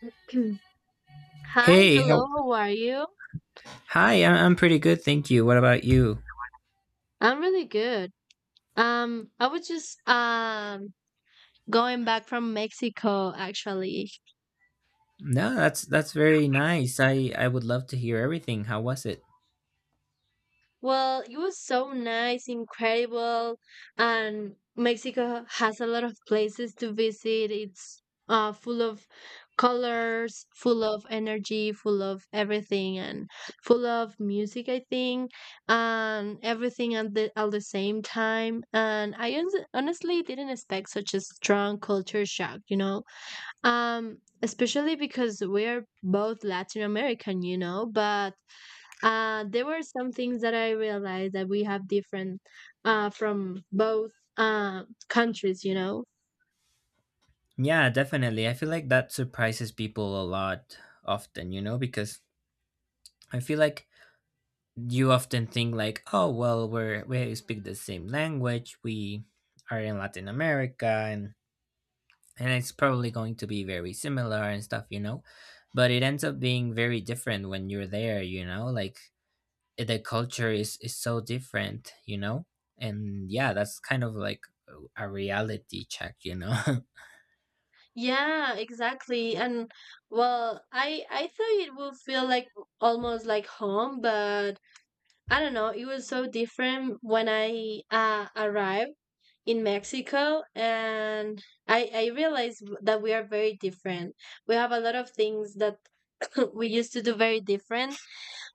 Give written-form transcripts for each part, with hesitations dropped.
Hi, Hey, hello, how, how are you? hi. I'm pretty good, thank you. What about you? I'm really good. I was just going back from Mexico actually. No, that's very nice. I would love to hear everything. How was it? Well, it was so nice, incredible, and Mexico has a lot of places to visit. It's full of colors, full of energy, full of everything, and full of music. I think, and everything at the same time. And I honestly didn't expect such a strong culture shock. You know, especially because we're both Latin American. You know, but there were some things that I realized that we have different from both countries, you know. Yeah, definitely. I feel like that surprises people a lot often, you know, because I feel like you often think like, oh, well, we speak the same language. We are in Latin America, and it's probably going to be very similar and stuff, you know. But it ends up being very different when you're there, you know, like the culture is so different, you know, and yeah, that's kind of like a reality check, you know. Yeah, exactly. And well, I thought it would feel like almost like home, but I don't know. It was so different when I arrived in Mexico, and I realized that we are very different. We have a lot of things that we used to do very different,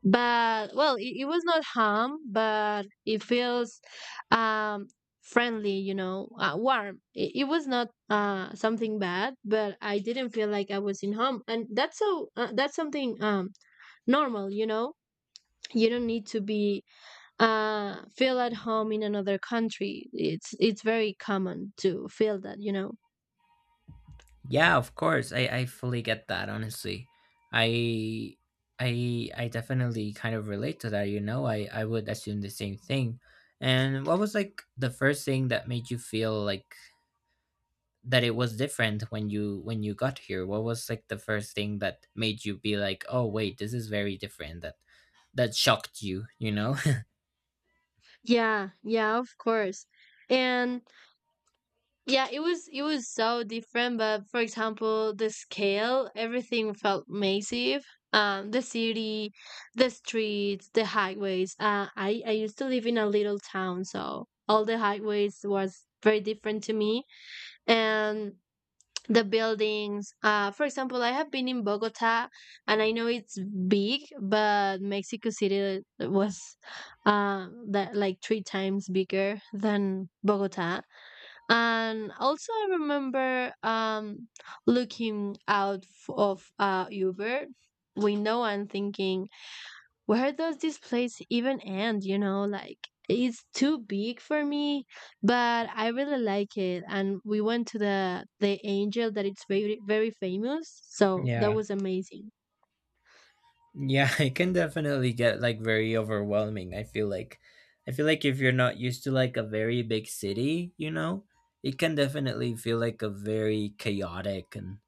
but well, it was not harm, but it feels um friendly, you know, warm. It it, was not something bad, but I didn't feel like I was in home, and that's so that's something normal, you know. You don't need to be feel at home in another country. It's very common to feel that, you know. Yeah, of course, I fully get that, honestly. I i i definitely kind of relate to that, you know. I would assume the same thing. And what was like the first thing that made you feel like that it was different when you got here? What was like the first thing that made you be like, oh wait, this is very different, that shocked you, you know. Yeah, yeah, of course. And yeah, it was so different, but for example, the scale, everything felt massive. The city, the streets, the highways. I used to live in a little town, so all the highways was very different to me, and the buildings. For example, I have been in Bogota, and I know it's big, but Mexico City was, that like three times bigger than Bogota. And also, I remember looking out of Uber window and thinking, where does this place even end? You know, like it's too big for me, but I really like it. And we went to the Angel that it's very, very famous, so that Yeah. was amazing. Yeah, it can definitely get like very overwhelming. I feel like if you're not used to like a very big city, you know, it can definitely feel like a very chaotic and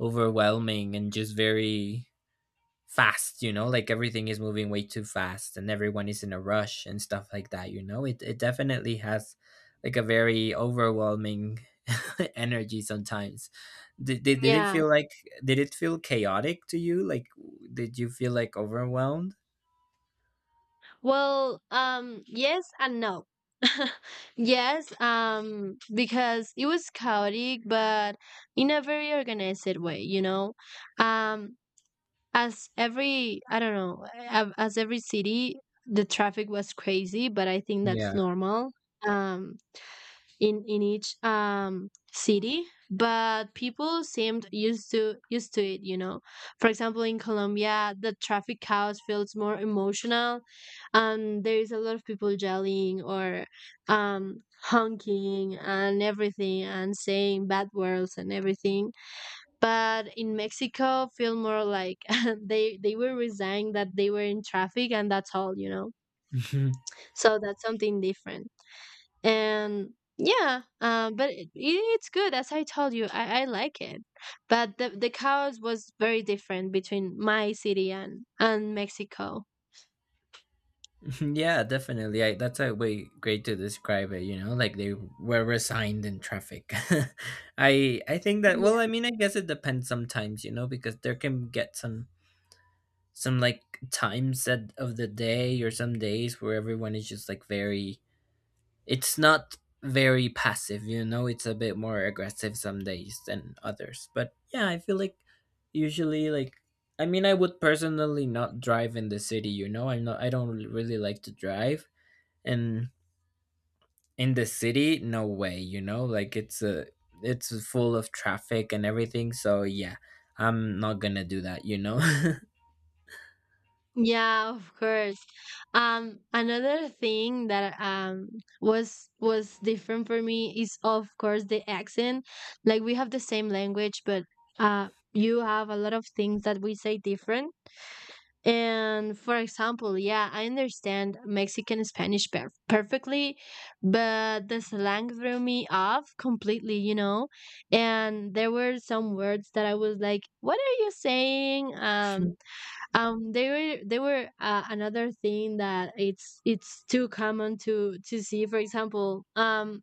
overwhelming and just very fast, you know, like everything is moving way too fast and everyone is in a rush and stuff like that, you know. It definitely has like a very overwhelming energy sometimes. did, did, did it Yeah. feel like did it feel chaotic to you, like, did you feel like overwhelmed? Well, yes and no. Yes, because it was chaotic, but in a very organized way, you know. Um, I don't know, as every city, the traffic was crazy, but I think that's Yeah. normal. Um, in each city, but people seemed used to it, you know. For example, in Colombia, the traffic cows feels more emotional, and there is a lot of people yelling or um honking and everything, and saying bad words and everything. But in Mexico feel more like they were resigned that they were in traffic, and that's all, you know. Mhm. So that's something different. And yeah, but it's good. As I told you, I like it, but the chaos was very different between my city and Mexico. Yeah, definitely. That's a way great to describe it, you know, like they were resigned in traffic. I think that, well, i Yeah. mean i guess it depends sometimes, you know, because there can get some like times that of the day or some days where everyone is just like very, it's not very passive, you know. It's a bit more aggressive some days than others, but yeah, I feel like usually like, I mean, I would personally not drive in the city, you know. I don't really like to drive, and in the city, no way, you know. Like it's a, it's full of traffic and everything, so yeah, I'm not gonna do that, you know. Yeah, of course. Another thing that was different for me is of course the accent. Like we have the same language, but you have a lot of things that we say different. And for example, yeah, I understand Mexican Spanish perfectly, but the slang threw me off completely, you know? And there were some words that I was like, "What are you saying?" They were another thing that it's too common to see. For example,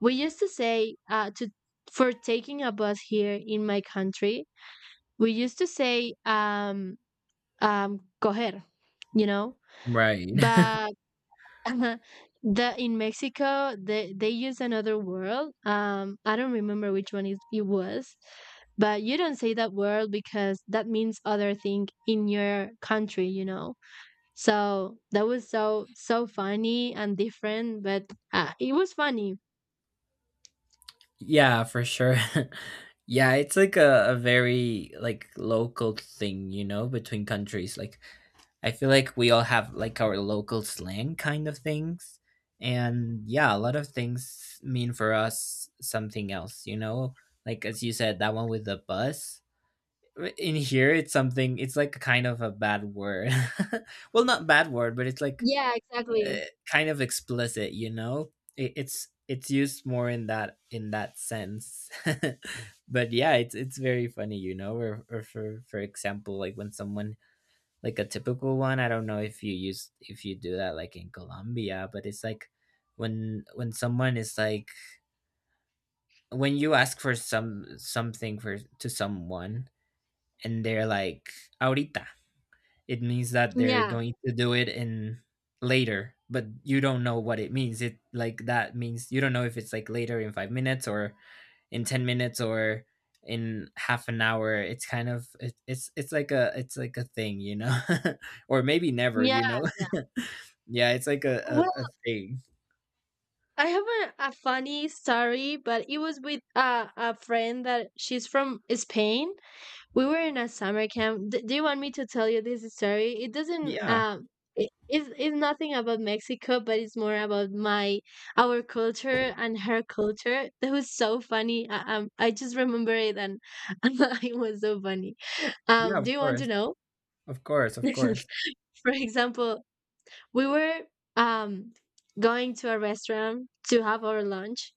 we used to say to for taking a bus here in my country, we used to say coger, you know? Right. But the in Mexico, they use another word. I don't remember which one it was, but you don't say that word because that means other thing in your country, you know. So that was so so funny and different, but it was funny. Yeah, for sure. Yeah, it's like a very like local thing, you know, between countries. Like, I feel like we all have like our local slang kind of things. And yeah, a lot of things mean for us something else, you know? Like as you said, that one with the bus. In here it's something, it's like kind of a bad word. Well, not bad word, but it's like Yeah, exactly. Kind of explicit, you know. It's used more in that sense. But yeah, it's very funny, you know. Or for example, like when someone, like a typical one, I don't know if you use, if you do that like in Colombia, but it's like when someone is like, when you ask for some something for to someone and they're like, ahorita, it means that they're Yeah. going to do it in later, but you don't know what it means. It, like that means you don't know if it's like later in 5 minutes or in 10 minutes or in half an hour. It's kind of, it's like a, it's like a thing, you know. Or maybe never, Yeah. you know. Yeah, it's like a, Well, a a thing. I have a funny story, but it was with a friend that she's from Spain. We were in a summer camp. Do you want me to tell you this story? It doesn't Yeah. It's nothing about Mexico, but it's more about my our culture and her culture. That was so funny. I just remember it, and and it was so funny. Yeah, Do of you want to course. know? Of course, of course. For example, we were um going to a restaurant to have our lunch,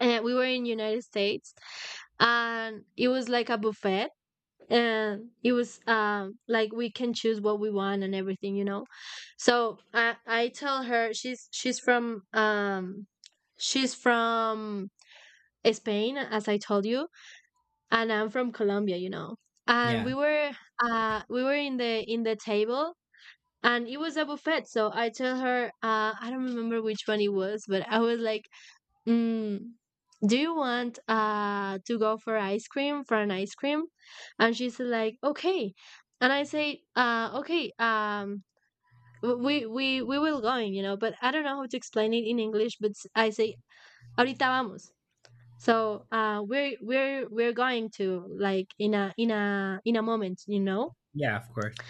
and we were in United States, and it was like a buffet, and it was like we can choose what we want and everything, you know. So I tell her, she's from she's from Spain, as I told you, and I'm from Colombia, you know. And Yeah. We were in the table, and it was a buffet. So I tell her, I don't remember which one it was, but I was like, Mm, do you want to go for ice cream, for an ice cream? And she's like, okay. And I say, okay, we will going, you know, but I don't know how to explain it in English, but I say, ahorita vamos. So we're going to, like, in a moment, you know. Yeah, of course.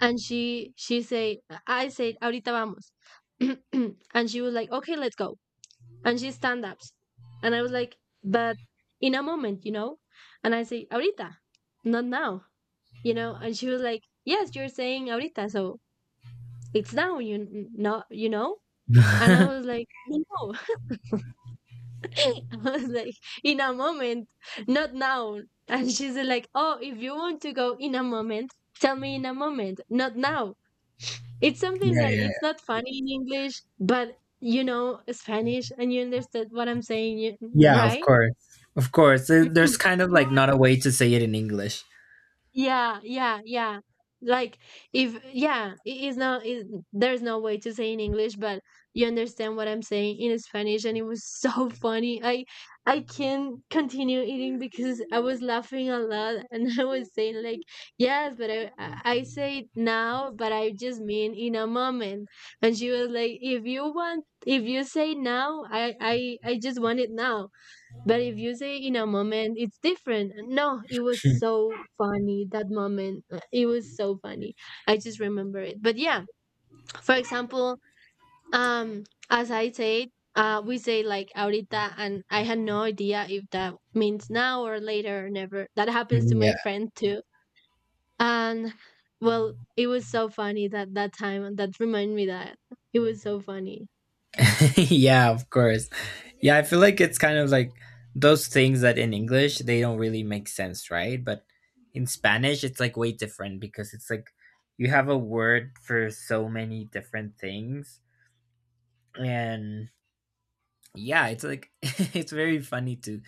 And she say, I said, ahorita vamos. And she was like, okay, let's go. And she's stand ups. And I was like, but in a moment, you know? And I say, ahorita, not now, you know? And she was like, yes, you're saying ahorita, so it's now, you know, you know? And I Yeah, was like, no. I was like, in a moment, not now. And she's like, oh, if you want to go in a moment, tell me in a moment, not now. It's something yeah, that yeah. it's not funny in English, but you know Spanish and you understood what I'm saying, Yeah, of right? course. Of course. There's kind of like not a way to say it in English. Yeah, yeah, yeah. Like if yeah, it is there's no way to say in English, but you understand what I'm saying in Spanish, and it was so funny. I can't continue eating because I was laughing a lot, and I was saying like, yes, but I say it now, but I just mean in a moment. And she was like, if you want if you say now, I just want it now. But if you say in a moment, it's different. No, it was so funny. That moment, it was so funny. I just remember it. But yeah, for example, um, as I said, we say like ahorita, and I had no idea if that means now or later or never. That happens to my Yeah. friend too. And well, it was so funny that that time. And That reminded me that it was so funny. Yeah, of course. Yeah, I feel like it's kind of like those things that in English they don't really make sense, right? But in Spanish it's like way different, because it's like you have a word for so many different things. And yeah, it's like it's very funny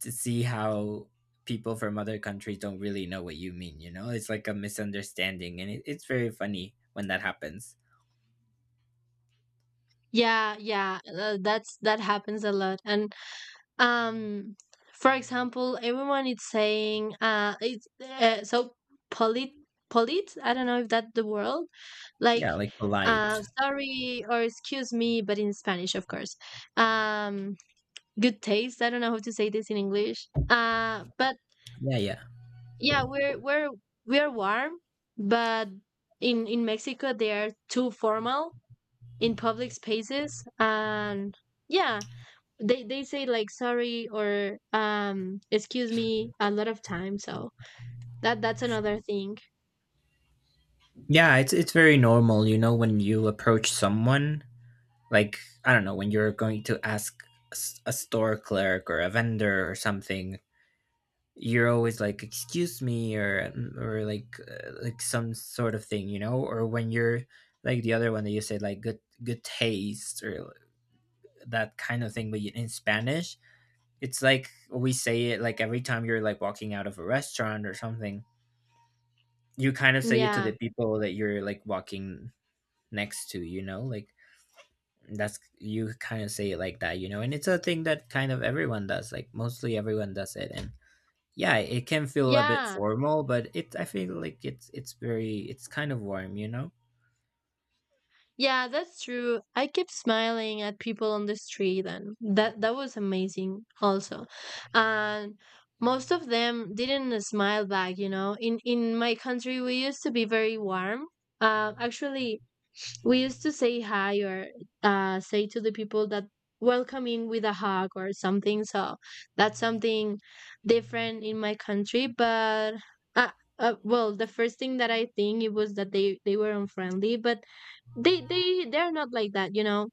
to see how people from other countries don't really know what you mean, you know? It's like a misunderstanding and it's very funny when that happens. Yeah, yeah, that's that happens a lot. And um for example, everyone is saying it's so polite, I don't know if that's the word, like Yeah, like polite. sorry or excuse me, but in Spanish of course, um good taste, I don't know how to say this in English, but Yeah, yeah. yeah, we're warm, but in Mexico they are too formal in public spaces, and yeah, they say like sorry or excuse me a lot of times, so that that's another thing. Yeah, it's very normal, you know, when you approach someone, like, I don't know, when you're going to ask a store clerk or a vendor or something, you're always like, "Excuse me," or like some sort of thing, you know, or when you're like the other one that you said like good good taste or that kind of thing, but in Spanish, it's like we say it like every time you're like walking out of a restaurant or something. You kind of say it to the Yeah, people that you're like walking next to, you know. Like that's, you kind of say it like that, you know, and it's a thing that kind of everyone does, like mostly everyone does it, and yeah, it can feel a bit yeah, formal, but it I feel like it's very, it's kind of warm, you know. yeah, that's true. I kept smiling at people on the street, and that that was amazing also. And most of them didn't smile back, you know. In my country we used to be very warm. Actually, we used to say hi or say to the people that welcome in with a hug or something, so that's something different in my country. But uh, well, the first thing that I think it was that they were unfriendly, but they they're not like that, you know.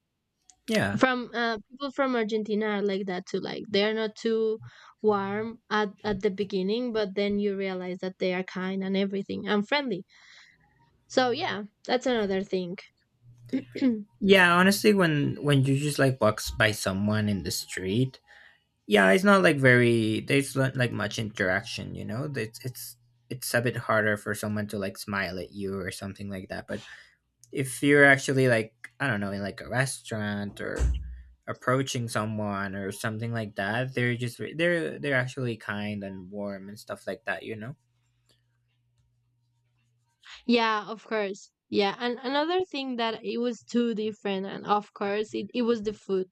Yeah. From people from Argentina are like that too. Like they're not too warm at the beginning, but then you realize that they are kind and everything and friendly. So yeah, that's another thing. Yeah, honestly, when you just like by someone in the street, yeah, it's not like very, there's not like much interaction, you know, it's it's a bit harder for someone to like smile at you or something like that, but if you're actually like, I don't know, in like a restaurant or approaching someone or something like that, they're just they're actually kind and warm and stuff like that, you know. Yeah, of course. Yeah, and another thing that it was too different, and of course, it was the food.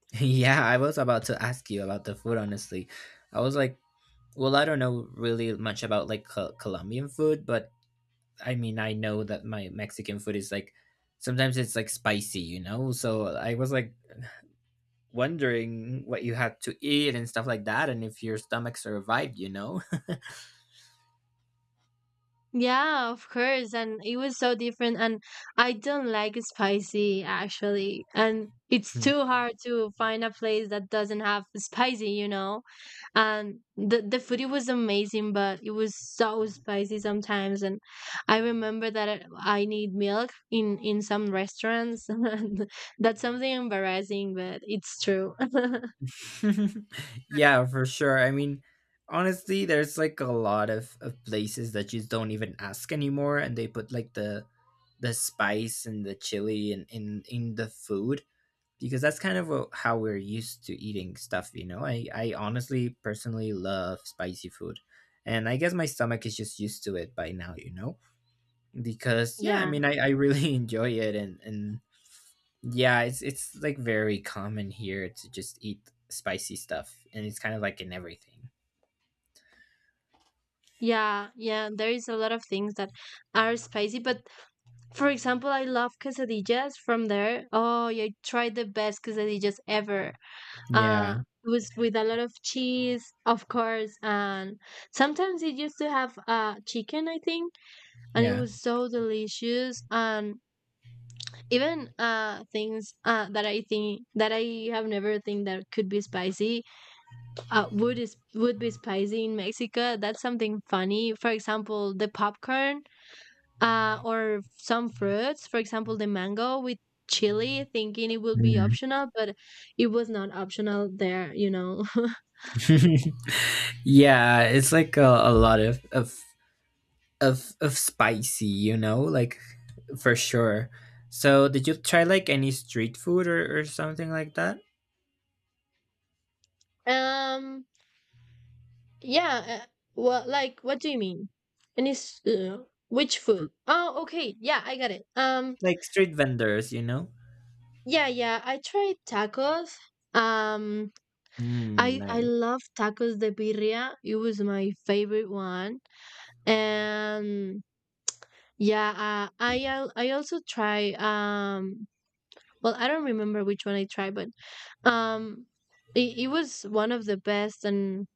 Yeah, I was about to ask you about the food, honestly. I was like, well, I don't know really much about like Colombian food, but I mean, I know that my Mexican food is like sometimes it's like spicy, you know, so I was like wondering what you had to eat and stuff like that, and if your stomach survived, you know. Yeah, of course, and it was so different, and I don't like spicy actually, and it's too hard to find a place that doesn't have spicy, you know. And the food it was amazing, but it was so spicy sometimes, and I remember that I need milk in some restaurants. That's something embarrassing, but it's true. Yeah, for sure. I mean, honestly, there's like a lot of places that you don't even ask anymore, and they put like the spice and the chili in in the food, because that's kind of what, how we're used to eating stuff. You know, I honestly personally love spicy food, and I guess my stomach is just used to it by now. You know, because yeah, I Yeah. mean, I really enjoy it, and yeah, it's like very common here to just eat spicy stuff, and it's kind of like in everything. Yeah, yeah, there is a lot of things that are spicy, but for example, I love quesadillas from there. Oh, yeah, I tried the best quesadillas ever. Yeah, Uh, it was with a lot of cheese, of course, and sometimes it used to have chicken, I think, and it yeah. was so delicious. And even things that I think that I have never think that could be spicy, would be spicy in Mexico. That's something funny. For example, the popcorn. Or some fruits, for example, the mango with chili, thinking it would be Mhm. optional, but it was not optional there, you know. Yeah. It's like a lot of spicy, you know, like, for sure. So, did you try like any street food or something like that, um, yeah, well, like, what do you mean? And it's which food? Oh, okay, yeah, I got it. Like street vendors, you know? Yeah, yeah, I tried tacos. Um, Mm, I nice. love tacos de birria. It was my favorite one. And yeah, I also try well, I don't remember which one I tried, but um it was one of the best and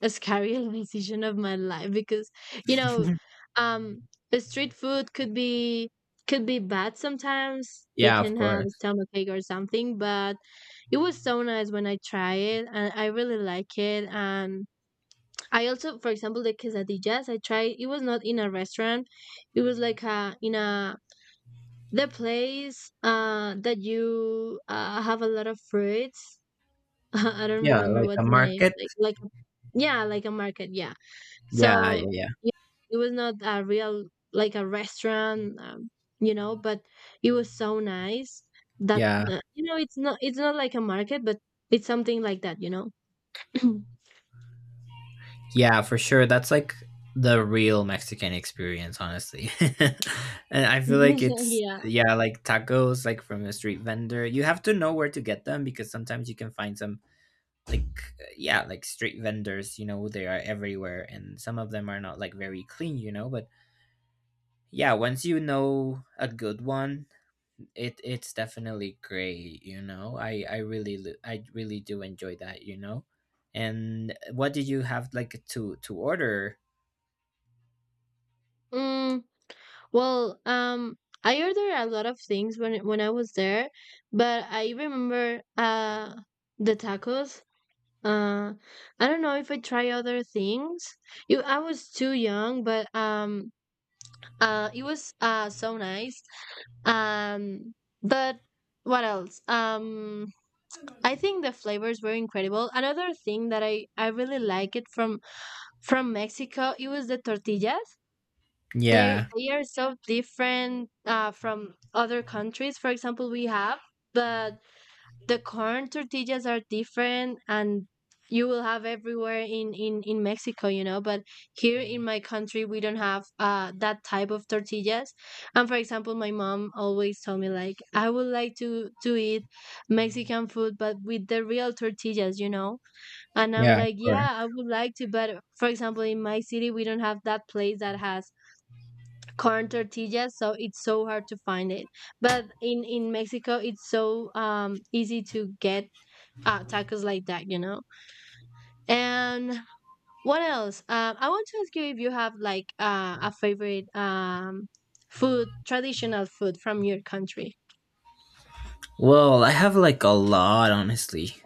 a scary decision of my life because you know, um the street food could be bad sometimes. You Yeah, of can have a course. stomachache or something, but it was so nice when I tried it and I really like it. And I also, for example, the quesadillas I tried, it was not in a restaurant. It was like a, in a the place that you have a lot of fruits. I don't Yeah, remember like a what's the name. market. Like a- yeah, like a market. Yeah. Yeah, yeah, So yeah, yeah, it was not a real like a restaurant, you know. But it was so nice that yeah. You know it's not like a market, but it's something like that, you know. Yeah, for sure. That's like the real Mexican experience, honestly. And I feel like it's, Yeah. yeah, like tacos like from a street vendor. You have to know where to get them, because sometimes you can find some like, yeah, like street vendors, you know, they are everywhere and some of them are not like very clean, you know, but yeah, once you know a good one, it, it's definitely great, you know. I really do enjoy that, you know. And what did you have like to order? Mm. Well, I ordered a lot of things when I was there, but I remember the tacos. Uh, I don't know if I try other things. You, I was too young, but it was so nice. Um, but what else? I think the flavors were incredible. Another thing that I really like it from Mexico, it was the tortillas. they Yeah, they are so different from other countries. For example we have, but the corn tortillas are different, and you will have everywhere in Mexico, you know. But here in my country we don't have that type of tortillas. And for example my mom always told me like I would like to eat Mexican food but with the real tortillas, you know. And I'm yeah, of like, course. yeah, I would like to, but for example in my city we don't have that place that has corn tortillas, so it's so hard to find it. But in Mexico it's so easy to get tacos like that, you know. And what else? I want to ask you if you have like a favorite food, traditional food from your country. Well, I have like a lot, honestly.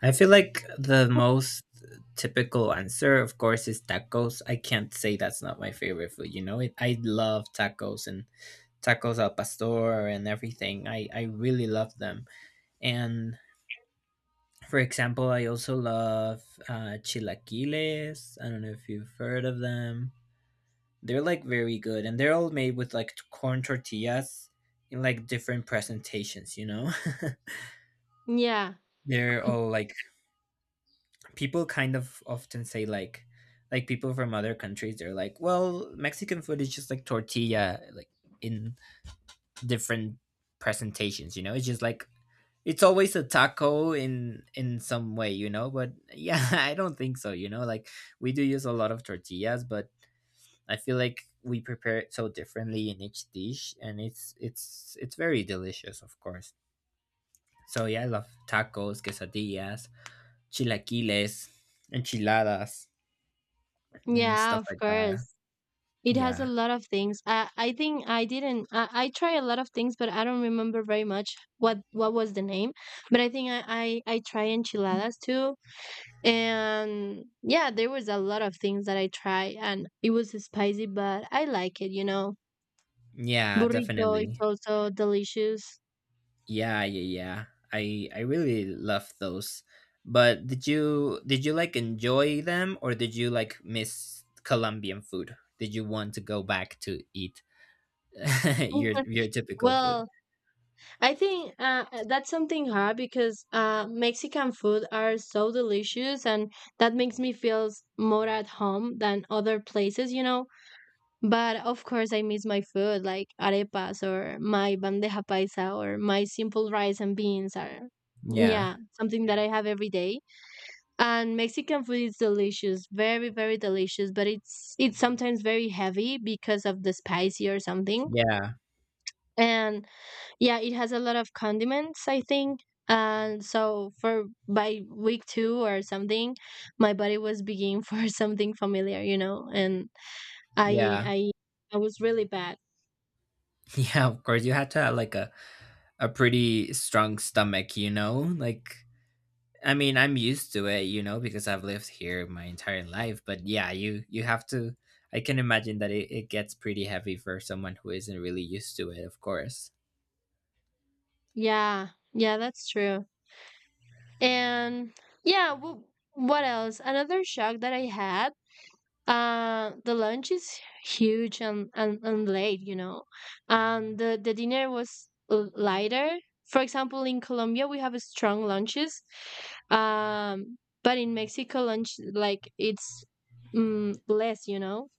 I feel like the most typical answer, of course, is tacos. I can't say that's not my favorite food. You know, it, I love tacos and tacos al pastor and everything. I really love them. And for example, I also love chilaquiles. I don't know if you've heard of them. They're like very good, and they're all made with like corn tortillas in like different presentations. You know, Yeah, they're all like, people kind of often say like people from other countries. They're like, well, Mexican food is just like tortilla, like in different presentations. You know, it's just like, it's always a taco in some way, you know, but yeah, I don't think so, you know. Like we do use a lot of tortillas, but I feel like we prepare it so differently in each dish, and it's very delicious, of course. So yeah, I love tacos, quesadillas, chilaquiles, enchiladas, and yeah, stuff of like that. course. It has Yeah, a lot of things. I think I didn't I try a lot of things but I don't remember very much what was the name, but I think I try enchiladas too. And yeah, there was a lot of things that I tried and it was spicy, but I like it, you know. yeah, Burrito is definitely. also delicious. Yeah, yeah, yeah. I really love those. But did you like enjoy them, or did you like miss Colombian food? Did you want to go back to eat Mhm. your typical food? Well, I think that's something hard because Mexican food are so delicious, and that makes me feel more at home than other places, you know. But of course, I miss my food like arepas or my bandeja paisa or my simple rice and beans are, Yeah, yeah, something that I have every day. And Mexican food is delicious, very, very delicious, but it's sometimes very heavy because of the spicy or something. yeah, And yeah, it has a lot of condiments, I think. And so for by week two or something, my body was begging for something familiar, you know, and I yeah, I I was really bad. yeah. Of course, you had to have like a pretty strong stomach, you know. Like, I mean, I'm used to it, you know, because I've lived here my entire life. But yeah, you have to. I can imagine that it gets pretty heavy for someone who isn't really used to it. Of course. Yeah, yeah, that's true. And yeah, well, what else? Another shock that I had, the lunch is huge and, late, you know. And the dinner was lighter. For example, in Colombia, we have strong lunches. Um, but in Mexico, lunch, like, it's mm, less, you know.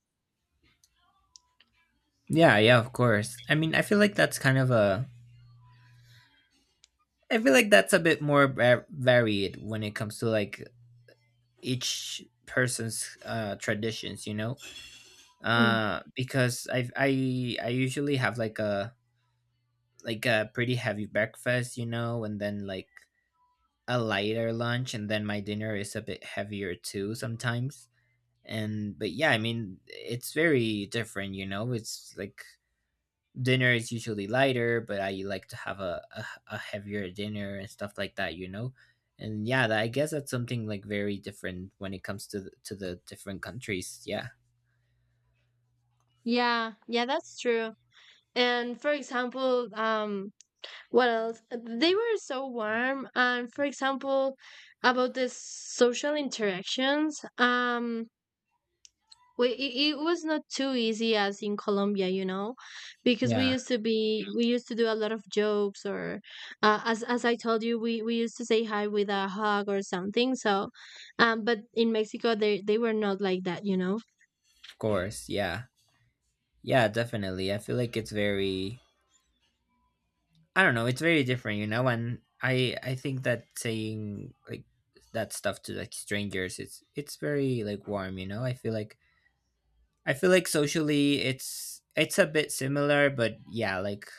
Yeah, yeah, of course. I mean, I feel like that's kind of a. I feel like that's a bit more varied when it comes to like each person's traditions, you know, Mm. Because I usually have like a pretty heavy breakfast, you know, and then like a lighter lunch, and then my dinner is a bit heavier too sometimes. And but yeah, I mean, it's very different, you know. It's like dinner is usually lighter, but I like to have a heavier dinner and stuff like that, you know. And yeah, I guess that's something like very different when it comes to to the different countries. Yeah. Yeah, yeah, that's true. And for example, what else? They were so warm. And for example, about the social interactions, it was not too easy as in Colombia, you know, because Yeah, of we used to do a lot of jokes, or as I told you, we used to say hi with a hug or something. So, but in Mexico they were not like that, you know. course. Yeah. Yeah, definitely. I feel like it's very I don't know, it's very different, you know, and I think that saying like that stuff to like strangers, it's very like warm, you know. I feel like socially it's a bit similar, but yeah, like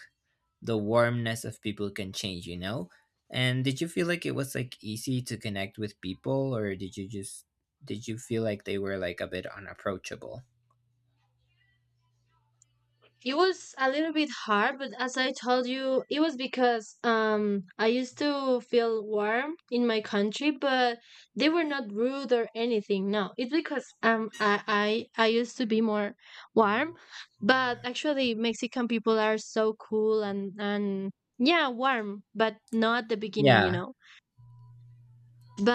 the warmness of people can change, you know? And did you feel like it was like easy to connect with people, or did you just did you feel like they were like a bit unapproachable? It was a little bit hard, but as I told you, it was because I used to feel warm in my country, but they were not rude or anything. No, it's because I used to be more warm, but actually Mexican people are so cool and yeah warm, but not the beginning, you Yeah. know.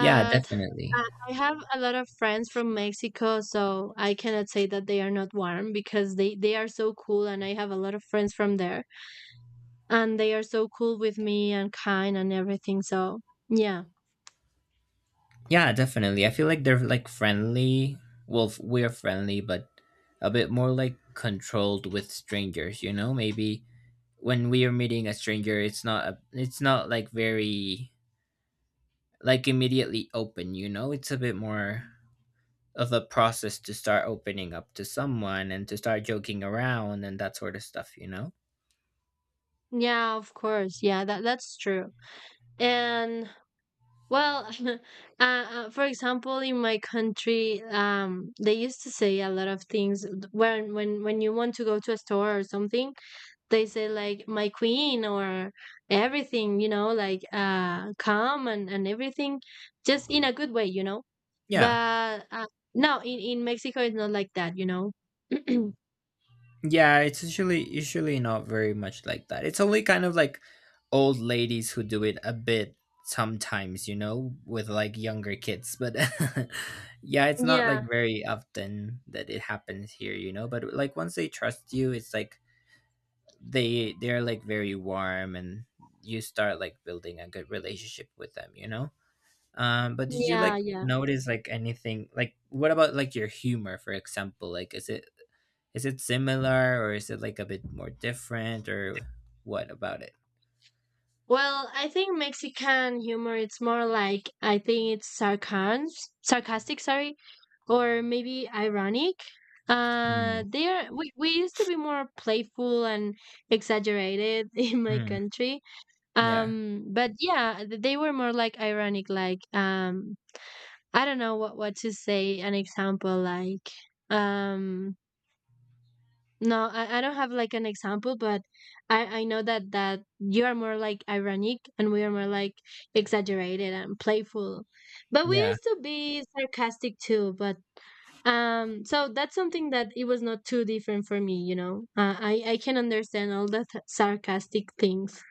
Yeah, definitely. I I have a lot of friends from Mexico, so I cannot say that they are not warm because they are so cool, and I have a lot of friends from there, and they are so cool with me and kind and everything. So yeah, Yeah, definitely. I feel like they're like friendly. Well, we're friendly, but a bit more like controlled with strangers. You know, maybe when we are meeting a stranger, it's not like very like immediately open. You know, it's a bit more of a process to start opening up to someone and to start joking around and that sort of stuff, you know. yeah, of course, yeah, that that's true. And well, for example, in my country, they used to say a lot of things when when you want to go to a store or something. They say like my queen, or everything, you know, like calm and everything, just in a good way, you know. Yeah, But no, in in Mexico it's not like that, you know. yeah, it's usually not very much like that. It's only kind of like old ladies who do it a bit sometimes, you know, with like younger kids. But yeah, it's not like Yeah, very often that it happens here, you know. But like once they trust you, it's like they're like very warm, and you start like building a good relationship with them, you know? But did you yeah, like yeah. notice like anything? Like what about like your humor, for example? Like is it similar, or is it like a bit more different, or what about it? Well, I think Mexican humor it's more like, I think it's sarcasm. Sarcastic, sorry. Or maybe ironic. uh Mm. they are we, we used to be more playful and exaggerated in my Mm, country. yeah, But yeah, they were more like ironic, like I don't know what to say, an example, like um no, I don't have like an example, but I know that that you are more like ironic and we are more like exaggerated and playful, but we yeah, used to be sarcastic too, but so that's something that it was not too different for me, you know. I can understand all the sarcastic things.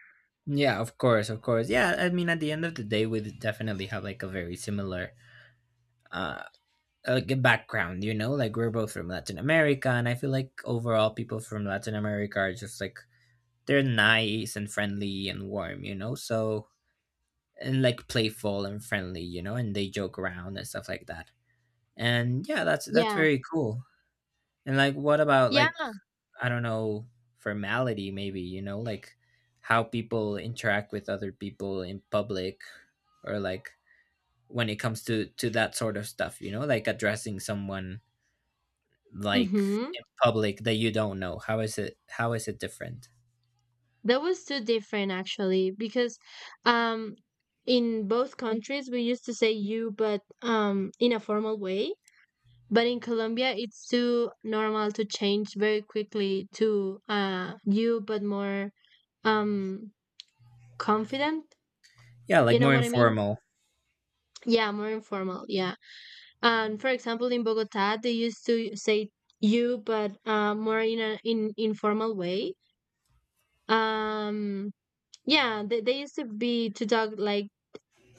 yeah. Of course, of course. Yeah, I mean, at the end of the day, we definitely have like a very similar, uh, like a background. You know, like we're both from Latin America, and I feel like overall, people from Latin America are just like they're nice and friendly and warm, you know. So and like playful and friendly, you know. And they joke around and stuff like that. And yeah, that's Yeah, very cool. And like, what about like yeah. I don't know, formality, maybe, you know, like how people interact with other people in public, or like when it comes to that sort of stuff, you know, like addressing someone like Mm-hmm. in public that you don't know. How is it different? That was too different actually because um in both countries we used to say you but in a formal way. But in Colombia it's too normal to change very quickly to you but more um confident. Yeah, like You know more what I mean? informal. Yeah, more informal, yeah. And for example in Bogota they used to say you but more in an in informal way. Um yeah, they used to be to talk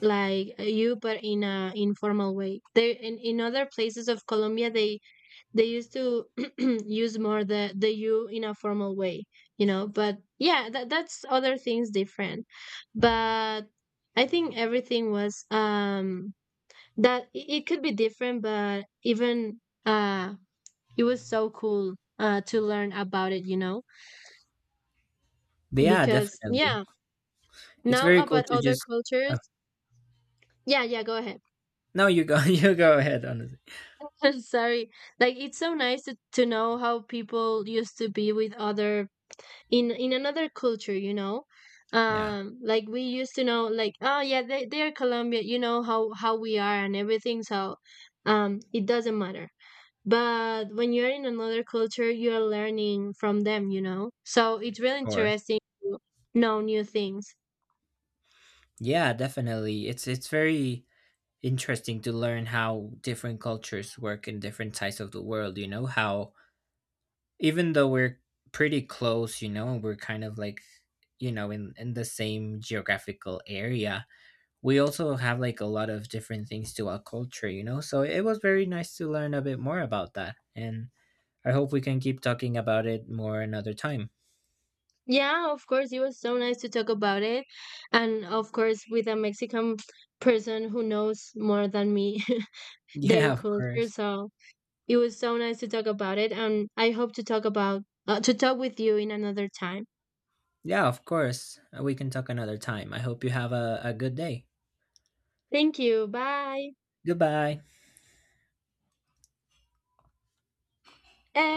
like you but in a informal way. They in other places of Colombia they used to use more the you in a formal way, you know. But yeah, that, that's other things different, but I think everything was that it could be different, but even uh it was so cool to learn about it, you know, But yeah, because definitely. yeah, It's now very cool about to other just oh, cultures. Yeah, yeah, go ahead. no, you go you go ahead honestly. Sorry. Like it's so nice to know how people used to be with other in another culture, you know? Yeah, of Like we used to know like, oh yeah, they they're Colombia, you know how we are and everything, so it doesn't matter. But when you're in another culture, you're learning from them, you know? So it's really course. interesting to know new things. Yeah, definitely. It's very interesting to learn how different cultures work in different sides of the world, you know, how even though we're pretty close, you know, and we're kind of like, you know, in the same geographical area, we also have like a lot of different things to our culture, you know. So it was very nice to learn a bit more about that. And I hope we can keep talking about it more another time. Yeah, of course, it was so nice to talk about it. And of course, with a Mexican person who knows more than me Yeah, their of culture. course. So it was so nice to talk about it. And I hope to talk about, to talk with you in another time. Yeah, of course. We can talk another time. I hope you have a good day. Thank you. Bye. Goodbye. Eh,